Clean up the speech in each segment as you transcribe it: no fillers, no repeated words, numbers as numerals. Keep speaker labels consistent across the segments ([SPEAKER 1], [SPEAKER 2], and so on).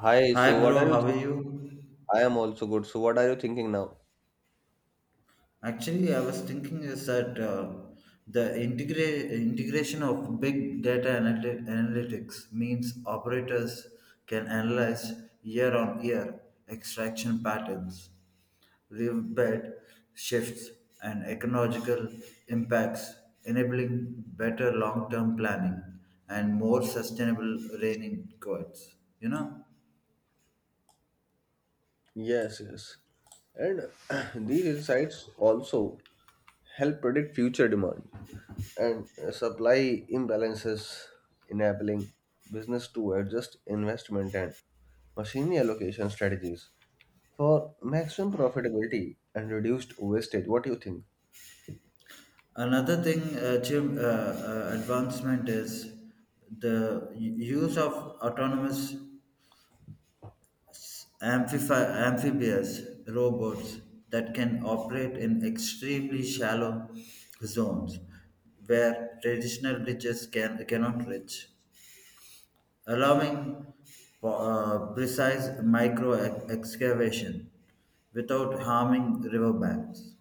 [SPEAKER 1] Hi,
[SPEAKER 2] Hi,
[SPEAKER 1] so what are
[SPEAKER 2] bro.
[SPEAKER 1] you
[SPEAKER 2] How are
[SPEAKER 1] think?
[SPEAKER 2] you?
[SPEAKER 1] I am also good. So what are you thinking now?
[SPEAKER 2] Actually, I was thinking is that the integration of big data analytics means operators can analyze year on year extraction patterns, leave bed shifts, and ecological impacts, enabling better long term planning and more sustainable rain in codes. You know?
[SPEAKER 1] Yes, yes. And these insights also help predict future demand and supply imbalances, enabling business to adjust investment and machine allocation strategies for maximum profitability and reduced wastage. What do you think?
[SPEAKER 2] Another thing, advancement is the use of autonomous amphibious robots that can operate in extremely shallow zones where traditional bridges cannot reach, allowing for precise micro excavation without harming riverbanks.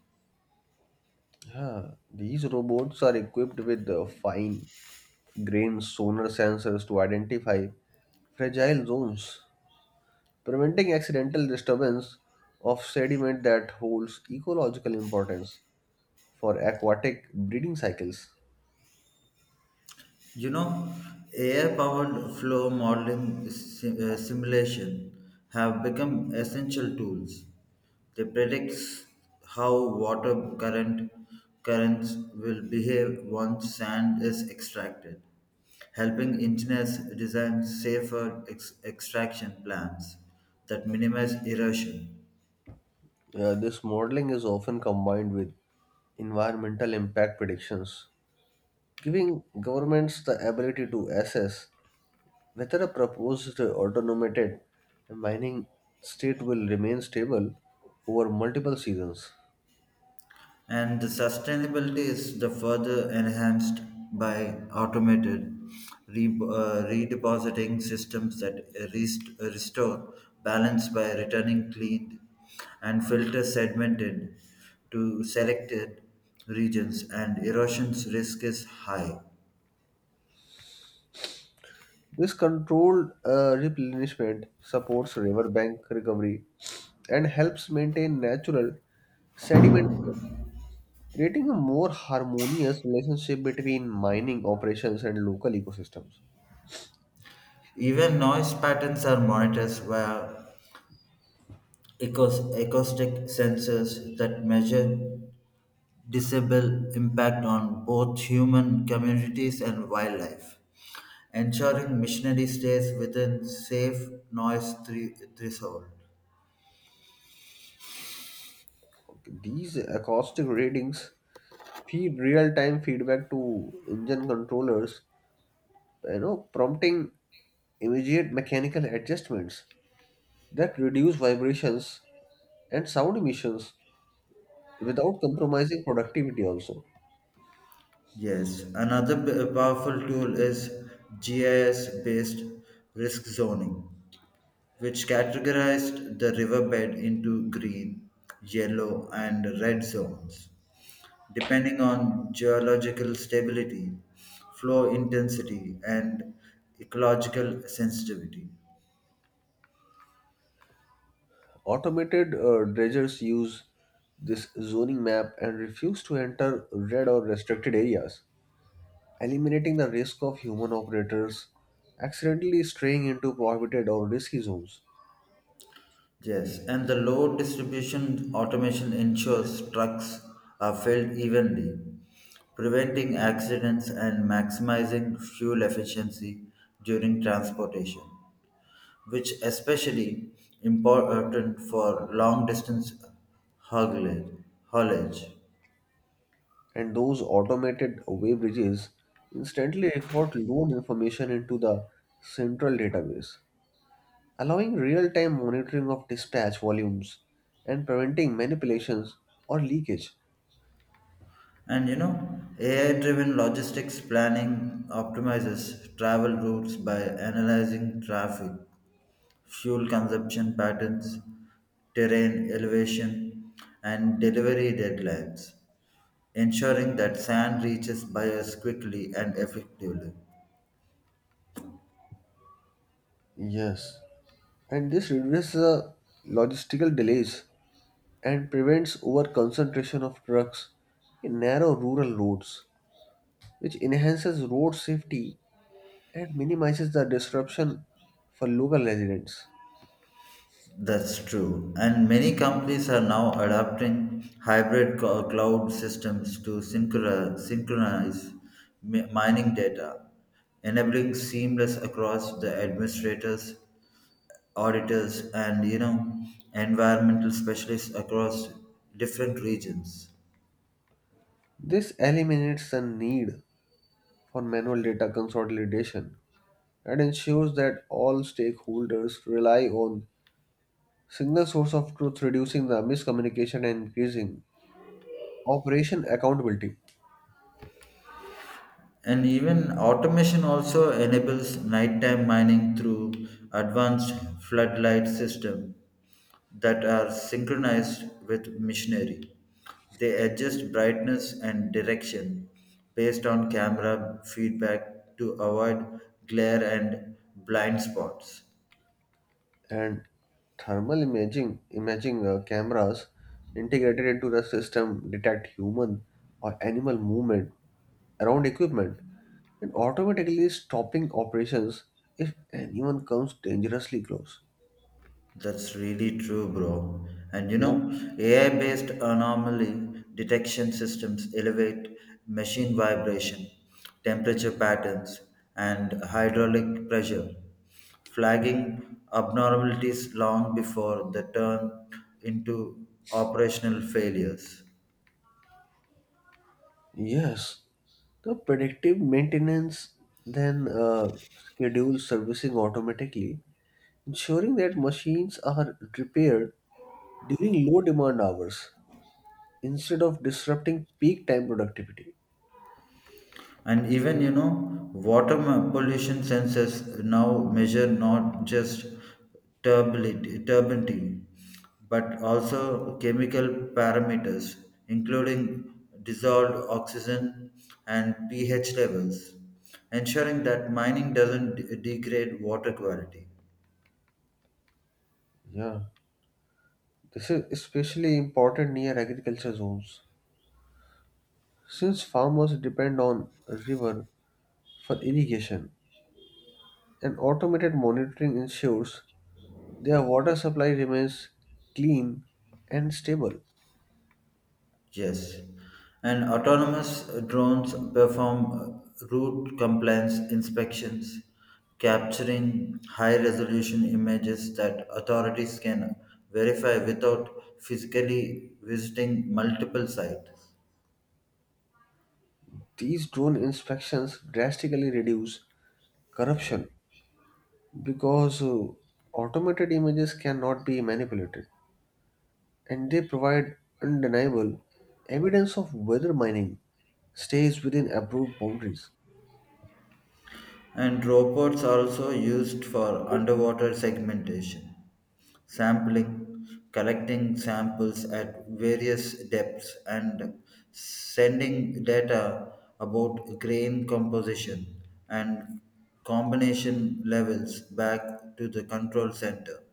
[SPEAKER 1] Yeah, these robots are equipped with fine grained sonar sensors to identify fragile zones, preventing accidental disturbance of sediment that holds ecological importance for aquatic breeding cycles.
[SPEAKER 2] You know, AI powered flow modeling simulation have become essential tools. They predict how water currents will behave once sand is extracted, helping engineers design safer extraction plans that minimize erosion.
[SPEAKER 1] This modeling is often combined with environmental impact predictions, giving governments the ability to assess whether a proposed automated mining state will remain stable over multiple seasons.
[SPEAKER 2] And the sustainability is the further enhanced by automated redepositing systems that restore balance by returning cleaned and filter segmented to selected regions and erosion's risk is high.
[SPEAKER 1] This controlled replenishment supports riverbank recovery and helps maintain natural sediment, creating a more harmonious relationship between mining operations and local ecosystems.
[SPEAKER 2] Even noise patterns are monitored via acoustic sensors that measure disable impact on both human communities and wildlife, ensuring missionary stays within safe noise threshold.
[SPEAKER 1] Okay. These acoustic readings feed real time feedback to engine controllers, prompting immediate mechanical adjustments that reduce vibrations and sound emissions without compromising productivity also.
[SPEAKER 2] Yes, another powerful tool is GIS based risk zoning, which categorized the riverbed into green, yellow, and red zones, depending on geological stability, flow intensity, and ecological sensitivity.
[SPEAKER 1] Automated dredgers use this zoning map and refuse to enter red or restricted areas, eliminating the risk of human operators accidentally straying into prohibited or risky zones.
[SPEAKER 2] Yes, and the load distribution automation ensures trucks are filled evenly, preventing accidents and maximizing fuel efficiency during transportation, which especially important for long distance haulage. haulage.
[SPEAKER 1] And those automated wave bridges instantly record load information into the central database, allowing real time monitoring of dispatch volumes and preventing manipulations or leakage.
[SPEAKER 2] And AI driven logistics planning optimizes travel routes by analyzing traffic fuel consumption patterns, terrain elevation, and delivery deadlines, ensuring that sand reaches buyers quickly and effectively.
[SPEAKER 1] Yes, and this reduces the logistical delays and prevents over concentration of trucks in narrow rural roads, which enhances road safety and minimizes the disruption for local residents.
[SPEAKER 2] That's true. And many companies are now adopting hybrid cloud systems to synchronize mining data, enabling seamless across the administrators, auditors, and environmental specialists across different regions.
[SPEAKER 1] This eliminates the need for manual data consolidation and ensures that all stakeholders rely on single source of truth reducing the miscommunication and increasing operation accountability.
[SPEAKER 2] And even automation also enables nighttime mining through advanced floodlight system that are synchronized with machinery. They adjust brightness and direction based on camera feedback to avoid glare and blind spots.
[SPEAKER 1] And thermal imaging cameras integrated into the system detect human or animal movement around equipment and automatically stopping operations if anyone comes dangerously close.
[SPEAKER 2] That's really true, bro. And
[SPEAKER 1] Yeah.
[SPEAKER 2] AI-based anomaly detection systems elevate machine vibration, temperature patterns, and hydraulic pressure, flagging abnormalities long before they turn into operational failures.
[SPEAKER 1] Yes. The predictive maintenance then schedules servicing automatically, ensuring that machines are repaired during low demand hours instead of disrupting peak time productivity.
[SPEAKER 2] And even, water pollution sensors now measure not just turbidity but also chemical parameters, including dissolved oxygen and pH levels, ensuring that mining doesn't degrade water quality.
[SPEAKER 1] Yeah, this is especially important near agriculture zones since farmers depend on river for irrigation and automated monitoring ensures their water supply remains clean and stable.
[SPEAKER 2] Yes, and autonomous drones perform route compliance inspections, capturing high resolution images that authorities can verify without physically visiting multiple sites.
[SPEAKER 1] These drone inspections drastically reduce corruption because automated images cannot be manipulated, and they provide undeniable evidence of whether mining stays within approved boundaries.
[SPEAKER 2] And robots are also used for underwater segmentation, sampling, collecting samples at various depths, and sending data about grain composition and combination levels back to the control center.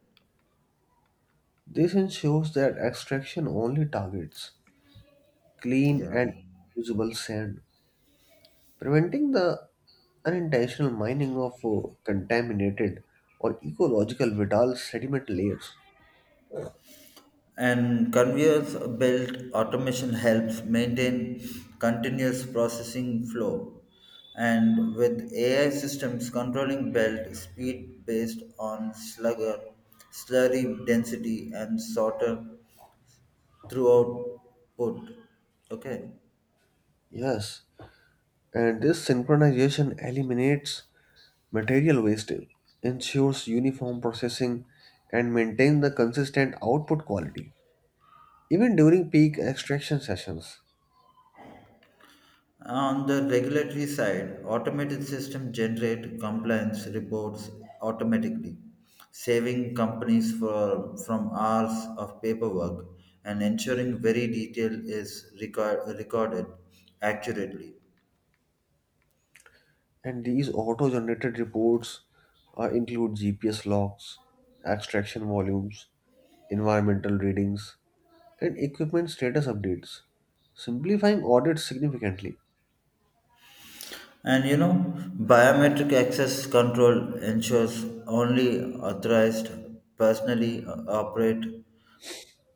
[SPEAKER 1] This ensures that extraction only targets clean
[SPEAKER 2] Yeah.
[SPEAKER 1] and usable sand, preventing the unintentional mining of contaminated or ecological vital sediment layers.
[SPEAKER 2] And conveyors belt automation helps maintain continuous processing flow. And with AI systems controlling belt speed based on slurry density, and sorter throughout put. Okay.
[SPEAKER 1] Yes, and this synchronization eliminates material wastage, ensures uniform processing, and maintains the consistent output quality even during peak extraction sessions.
[SPEAKER 2] On the regulatory side, automated systems generate compliance reports automatically, saving companies from hours of paperwork and ensuring very detail is recorded accurately.
[SPEAKER 1] And these auto generated reports include GPS logs, extraction volumes, environmental readings, and equipment status updates, simplifying audits significantly.
[SPEAKER 2] And biometric access control ensures only authorized personally operate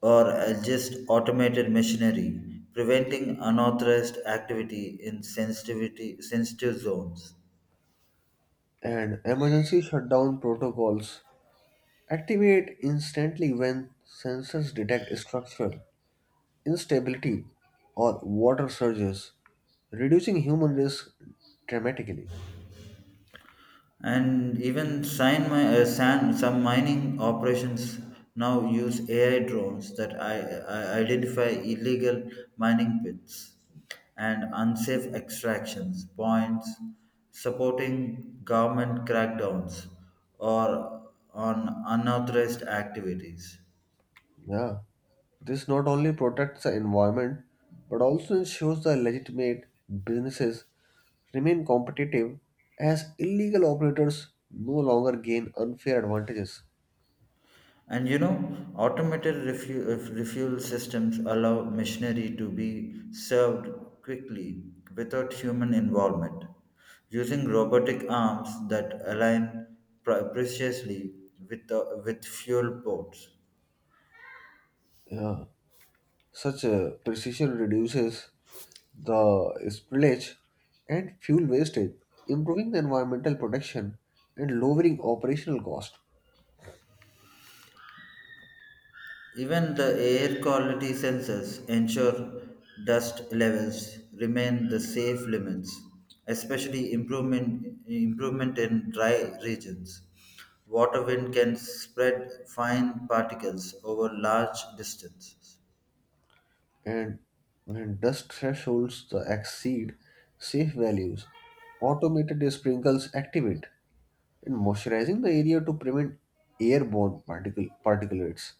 [SPEAKER 2] or just automated machinery, preventing unauthorized activity in sensitive zones.
[SPEAKER 1] And emergency shutdown protocols activate instantly when sensors detect structural instability or water surges, reducing human risk dramatically.
[SPEAKER 2] And even some mining operations now use AI drones that I identify illegal mining pits and unsafe extractions points, supporting government crackdowns or on unauthorized activities.
[SPEAKER 1] Yeah, this not only protects the environment but also ensures the legitimate businesses remain competitive as illegal operators no longer gain unfair advantages.
[SPEAKER 2] And automated refuel systems allow machinery to be served quickly without human involvement, using robotic arms that align precisely with fuel ports.
[SPEAKER 1] Yeah, such a precision reduces the spillage and fuel wastage, improving the environmental protection and lowering operational cost.
[SPEAKER 2] Even the air quality sensors ensure dust levels remain the safe limits, especially improvement in dry regions. Water wind can spread fine particles over large distances,
[SPEAKER 1] And when dust thresholds the exceed safe values, automated sprinkles activate in moisturizing the area to prevent airborne particle particulates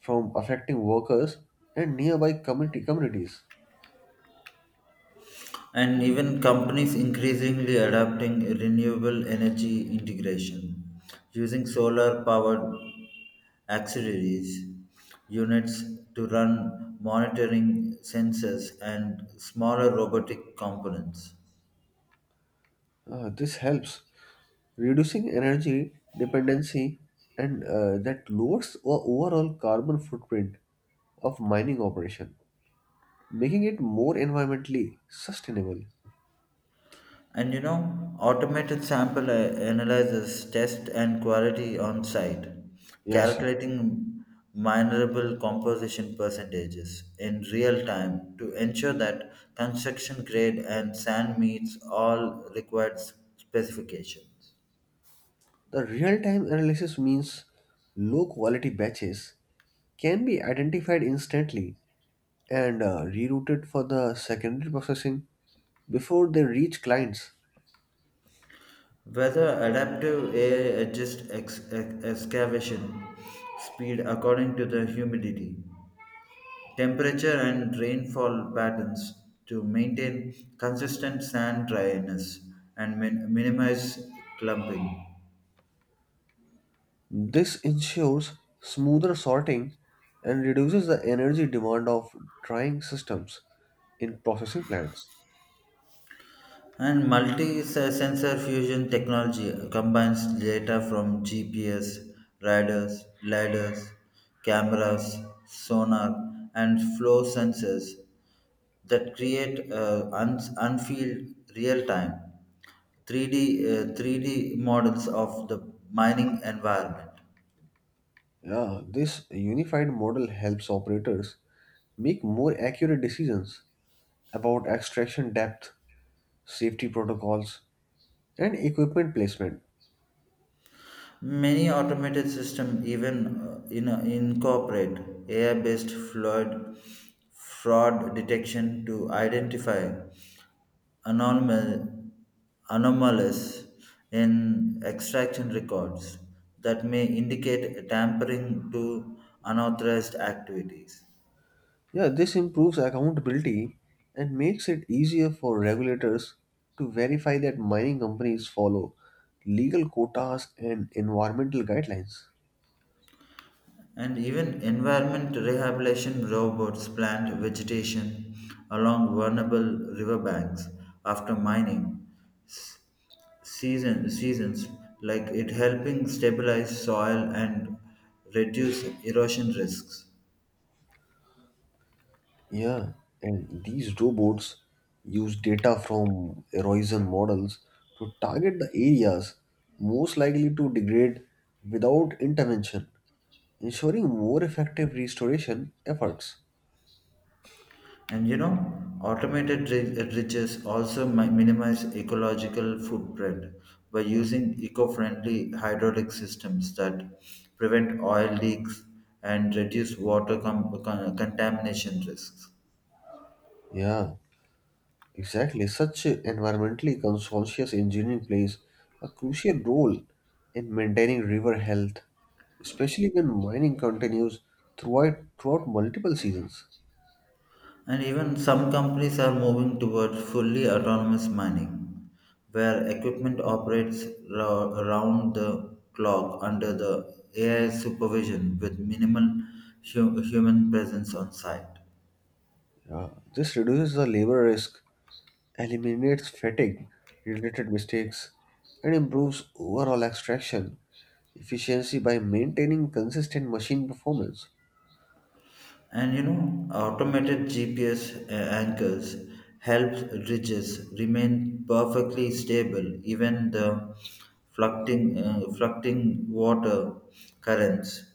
[SPEAKER 1] from affecting workers and nearby community communities.
[SPEAKER 2] and even companies increasingly adopting renewable energy integration using solar powered auxiliaries units to run monitoring sensors and smaller robotic components.
[SPEAKER 1] This helps reducing energy dependency and that lowers our overall carbon footprint of mining operation, making it more environmentally sustainable.
[SPEAKER 2] And automated sample analyzes test and quality on site,
[SPEAKER 1] Yes, yeah.
[SPEAKER 2] calculating minerable composition percentages in real time to ensure that construction grade and sand meets all required specifications.
[SPEAKER 1] The real-time analysis means low-quality batches can be identified instantly and rerouted for the secondary processing before they reach clients.
[SPEAKER 2] Whether adaptive AI adjusts excavation speed according to the humidity, temperature and rainfall patterns to maintain consistent sand dryness and minimize clumping.
[SPEAKER 1] This ensures smoother sorting and reduces the energy demand of drying systems in processing plants.
[SPEAKER 2] And multi-sensor fusion technology combines data from GPS, radars, lidars, cameras, sonar, and flow sensors that create unfield real-time 3D models of the mining environment.
[SPEAKER 1] Yeah, this unified model helps operators make more accurate decisions about extraction depth, safety protocols, and equipment placement.
[SPEAKER 2] Many automated systems even incorporate AI-based fraud detection to identify anomal, anomalies in extraction records that may indicate tampering to unauthorized activities.
[SPEAKER 1] Yeah, this improves accountability and makes it easier for regulators to verify that mining companies follow legal quotas and environmental guidelines.
[SPEAKER 2] And even environment rehabilitation robots plant vegetation along vulnerable riverbanks after mining s- seasons like it helping stabilize soil and reduce erosion risks.
[SPEAKER 1] Yeah, and these robots use data from erosion models to target the areas most likely to degrade without intervention, ensuring more effective restoration efforts.
[SPEAKER 2] And automated riches also minimize ecological footprint by using eco-friendly hydraulic systems that prevent oil leaks and reduce water contamination risks.
[SPEAKER 1] Yeah. Exactly. Such environmentally conscious engineering plays a crucial role in maintaining river health, especially when mining continues throughout multiple seasons.
[SPEAKER 2] And even some companies are moving towards fully autonomous mining, where equipment operates around the clock under the AI supervision with minimal human presence on site.
[SPEAKER 1] Yeah. This reduces the labor risk, eliminates fatigue related mistakes, and improves overall extraction efficiency by maintaining consistent machine performance.
[SPEAKER 2] And automated GPS anchors helps ridges remain perfectly stable even the fluctuating water currents.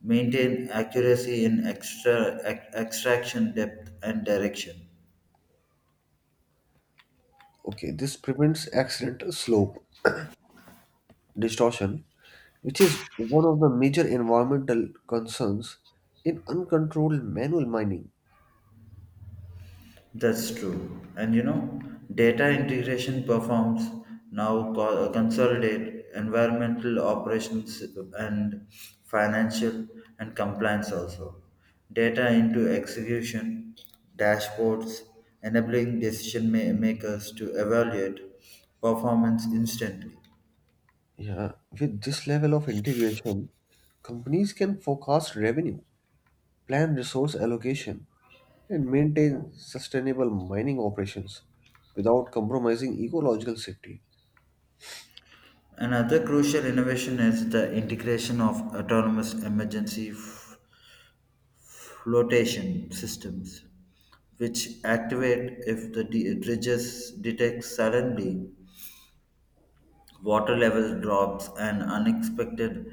[SPEAKER 2] Maintain accuracy in extraction depth and direction.
[SPEAKER 1] Okay, this prevents accidental slope distortion which is one of the major environmental concerns in uncontrolled manual mining.
[SPEAKER 2] That's true. And data integration performs now consolidate environmental operations and financial and compliance also. Data into execution, dashboards, enabling decision makers to evaluate performance instantly.
[SPEAKER 1] Yeah, with this level of integration, companies can forecast revenue, plan resource allocation, and maintain sustainable mining operations without compromising ecological safety.
[SPEAKER 2] Another crucial innovation is the integration of autonomous emergency flotation systems, which activate if the dredges detect suddenly water level drops and unexpected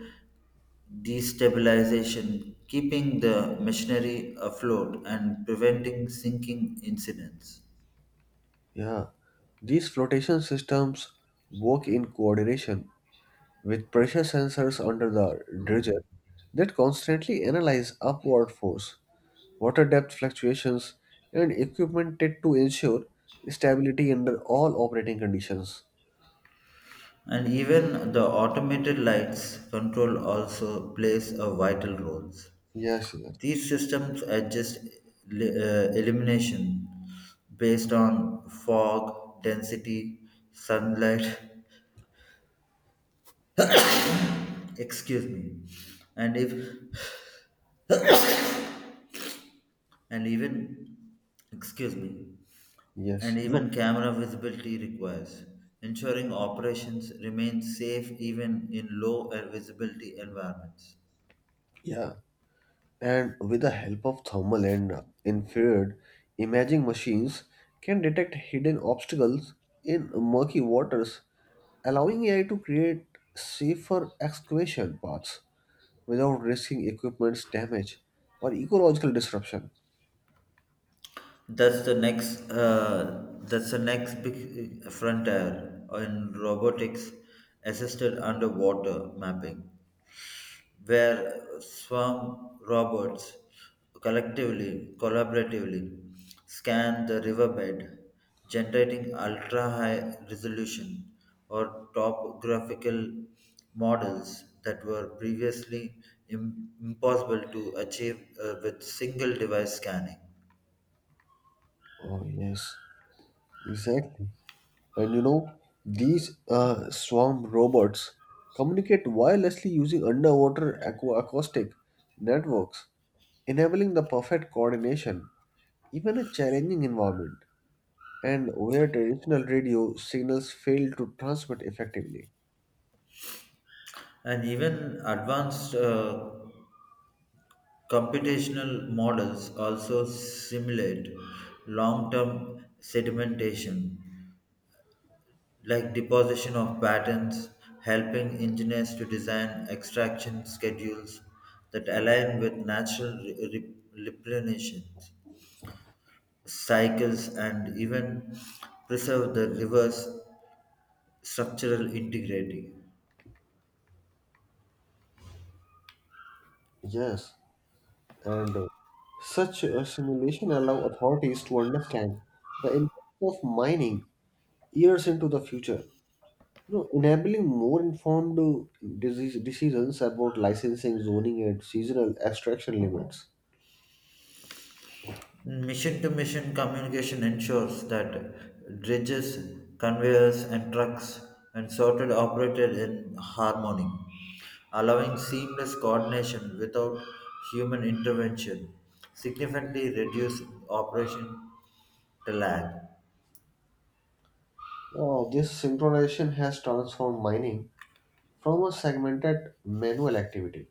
[SPEAKER 2] destabilization, keeping the machinery afloat and preventing sinking incidents.
[SPEAKER 1] Yeah, these flotation systems work in coordination with pressure sensors under the dredger that constantly analyze upward force, water depth fluctuations, and equipment to ensure stability under all operating conditions.
[SPEAKER 2] And even the automated lights control also plays a vital role.
[SPEAKER 1] Yes, yes,
[SPEAKER 2] These systems adjust illumination based on fog, density, sunlight, excuse me, and if and even excuse me,
[SPEAKER 1] yes.
[SPEAKER 2] and
[SPEAKER 1] No,
[SPEAKER 2] even camera visibility requires, ensuring operations remain safe even in low visibility environments.
[SPEAKER 1] yeah. And with the help of thermal and infrared imaging machines can detect hidden obstacles in murky waters, allowing AI to create safer excavation paths without risking equipment's damage or ecological disruption.
[SPEAKER 2] That's the next big frontier in robotics assisted underwater mapping, where swarm robots collaboratively scan the riverbed, generating ultra-high resolution or topographical models that were previously impossible to achieve with single device scanning.
[SPEAKER 1] Oh, yes, exactly. And you know, these swarm robots communicate wirelessly using underwater acoustic networks, enabling the perfect coordination, even in a challenging environment, and where traditional radio signals fail to transmit effectively.
[SPEAKER 2] And even advanced computational models also simulate long term sedimentation, like deposition of patterns, helping engineers to design extraction schedules that align with natural replenishment cycles and even preserve the river's structural integrity.
[SPEAKER 1] Yes, and such a simulation allow authorities to understand the impact of mining years into the future. You know, enabling more informed disease decisions about licensing, zoning, and seasonal extraction limits.
[SPEAKER 2] Mission to mission communication ensures that dredges, conveyors, and trucks and sorted operated in harmony, allowing seamless coordination without human intervention, significantly reducing operation to lag.
[SPEAKER 1] This synchronization has transformed mining from a segmented manual activity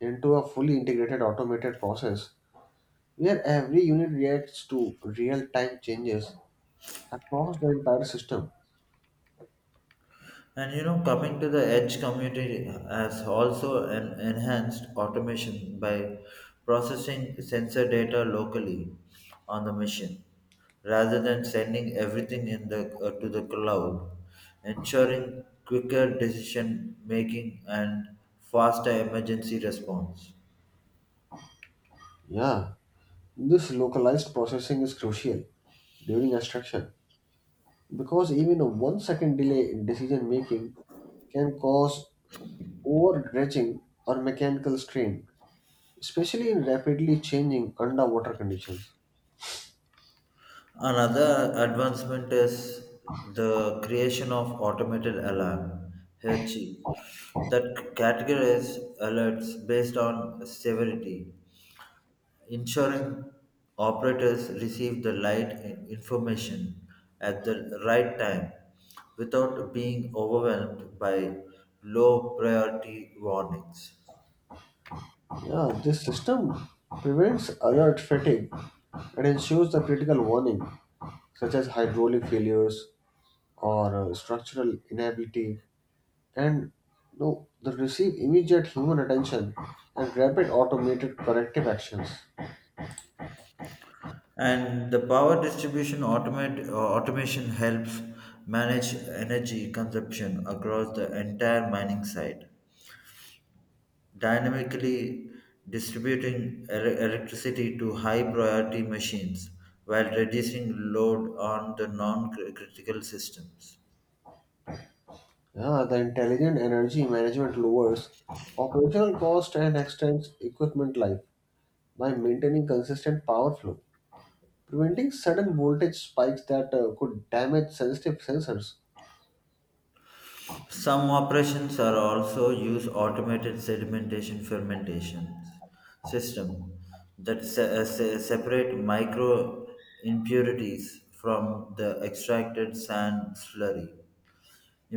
[SPEAKER 1] into a fully integrated automated process where every unit reacts to real-time changes across the entire system.
[SPEAKER 2] And coming to the edge community has also an enhanced automation by processing sensor data locally on the machine rather than sending everything in the to the cloud, ensuring quicker decision making and faster emergency response.
[SPEAKER 1] Yeah, this localized processing is crucial during extraction because even a 1 second delay in decision making can cause overstretching or mechanical strain, especially in rapidly changing underwater conditions.
[SPEAKER 2] Another advancement is the creation of automated alarm (HACCI) that categorizes alerts based on severity, ensuring operators receive the right information at the right time without being overwhelmed by low priority warnings.
[SPEAKER 1] Yeah, this system prevents alert fatigue and ensures the critical warning, such as hydraulic failures or structural inability, and that receive immediate human attention and rapid automated corrective actions.
[SPEAKER 2] And the power distribution automation helps manage energy consumption across the entire mining site dynamically distributing electricity to high priority machines while reducing load on the non critical systems.
[SPEAKER 1] Yeah, the intelligent energy management lowers operational cost and extends equipment life by maintaining consistent power flow, preventing sudden voltage spikes that could damage sensitive sensors.
[SPEAKER 2] Some operations are also use automated sedimentation fermentation system that separate micro impurities from the extracted sand slurry,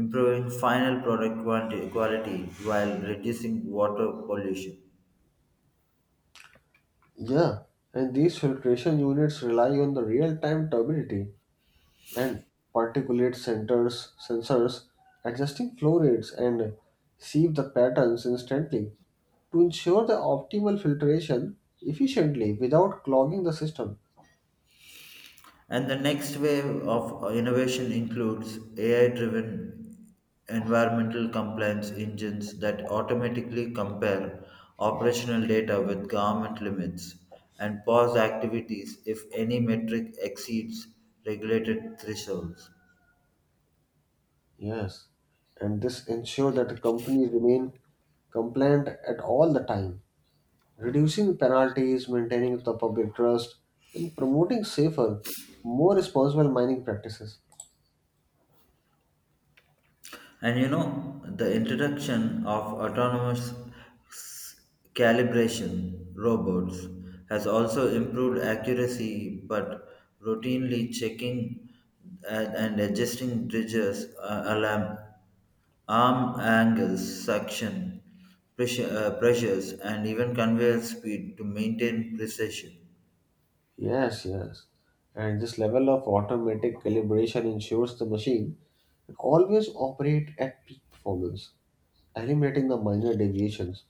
[SPEAKER 2] improving final product quality while reducing water pollution.
[SPEAKER 1] Yeah, and these filtration units rely on the real-time turbidity and particulate centers sensors adjusting flow rates and sieve the patterns instantly to ensure the optimal filtration efficiently without clogging the system.
[SPEAKER 2] And the next wave of innovation includes AI driven environmental compliance engines that automatically compare operational data with government limits and pause activities if any metric exceeds regulated thresholds.
[SPEAKER 1] Yes, and this ensure that the companies remain compliant at all the time, reducing penalties, maintaining the public trust, and promoting safer, more responsible mining practices.
[SPEAKER 2] And the introduction of autonomous s- calibration robots has also improved accuracy, but routinely checking and adjusting bridges, arm angles, suction, pressures, and even conveyor speed to maintain precision.
[SPEAKER 1] Yes, yes. And this level of automatic calibration ensures the machine will always operate at peak performance, eliminating the minor deviations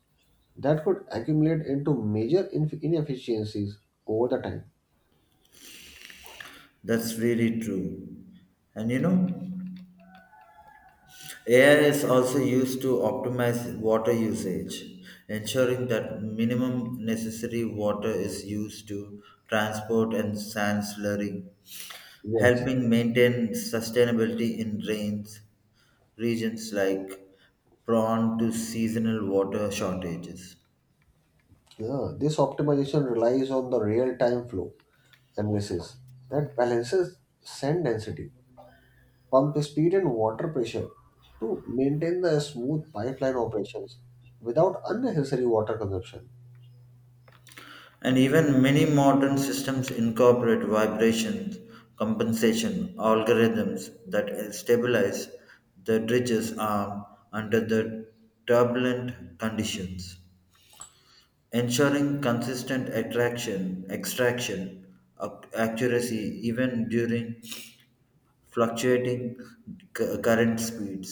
[SPEAKER 1] that could accumulate into major inefficiencies over the time.
[SPEAKER 2] That's really true. And AI is also used to optimize water usage, ensuring that minimum necessary water is used to transport and sand slurry,
[SPEAKER 1] Yes, yes.
[SPEAKER 2] helping maintain sustainability in rains regions like prone to seasonal water shortages.
[SPEAKER 1] Yeah, this optimization relies on the real-time flow analysis that balances sand density, pump speed, and water pressure to maintain the smooth pipeline operations without unnecessary water consumption.
[SPEAKER 2] And even many modern systems incorporate vibration compensation algorithms that stabilize the dredge's arm under the turbulent conditions, ensuring consistent extraction, accuracy even during fluctuating current speeds.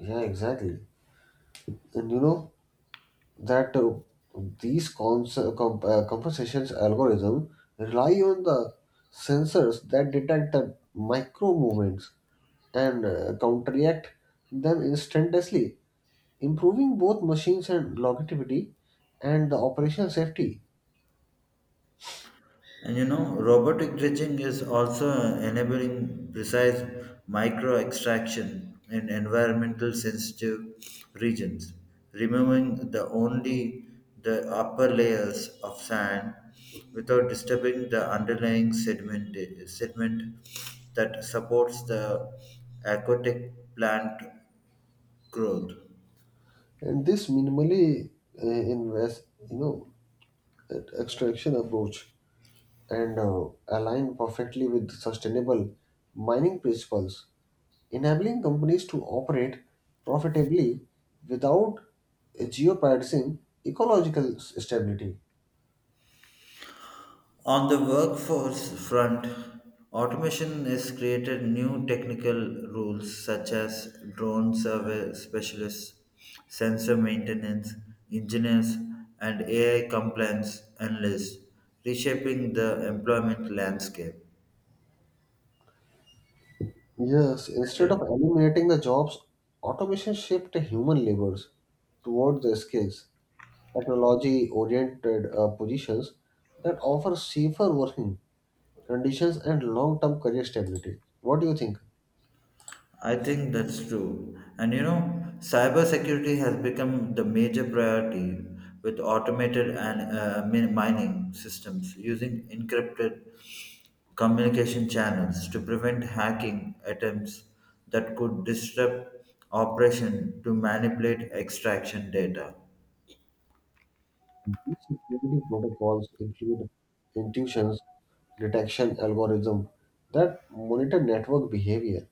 [SPEAKER 1] Yeah, exactly. And you know that these compensations algorithm rely on the sensors that detect the micro movements and counteract them instantaneously improving both machines and longevity and the operational safety.
[SPEAKER 2] And robotic dredging is also enabling precise micro extraction in environmental sensitive regions, removing the only the upper layers of sand without disturbing the underlying sediment that supports the aquatic plant growth.
[SPEAKER 1] And this minimally invest you know extraction approach and align perfectly with sustainable mining principles enabling companies to operate profitably without jeopardizing ecological stability.
[SPEAKER 2] On the workforce front, automation has created new technical rules such as drone survey specialists, sensor maintenance engineers, and AI compliance analysts, reshaping the employment landscape.
[SPEAKER 1] Yes, instead of eliminating the jobs automation shifts human labors toward the skills technology oriented positions that offer safer working conditions and long term career stability. What do you think?
[SPEAKER 2] I think that's true. And cybersecurity has become the major priority with automated and mining systems using encrypted communication channels to prevent hacking attempts that could disrupt operation to manipulate extraction data.
[SPEAKER 1] These security protocols include intuitions, detection algorithm that monitor network behavior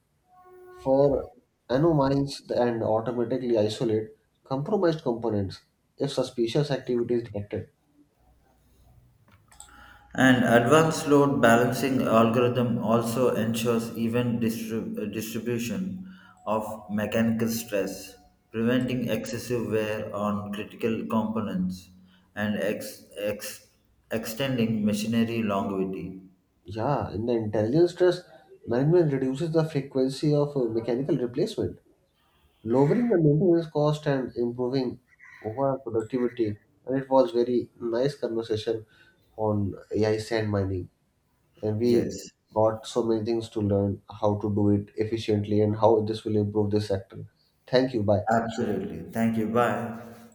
[SPEAKER 1] for anomalies and automatically isolate compromised components if suspicious activity is detected.
[SPEAKER 2] And advanced load balancing algorithm also ensures even distribution of mechanical stress, preventing excessive wear on critical components and extending machinery longevity.
[SPEAKER 1] Yeah, in the intelligence stress management reduces the frequency of mechanical replacement lowering the maintenance cost and improving overall productivity. And it was very nice conversation on AI sand mining, and we
[SPEAKER 2] Yes,
[SPEAKER 1] got so many things to learn how to do it efficiently and how this will improve this sector. Thank you. Bye.
[SPEAKER 2] absolutely. Thank you. Bye.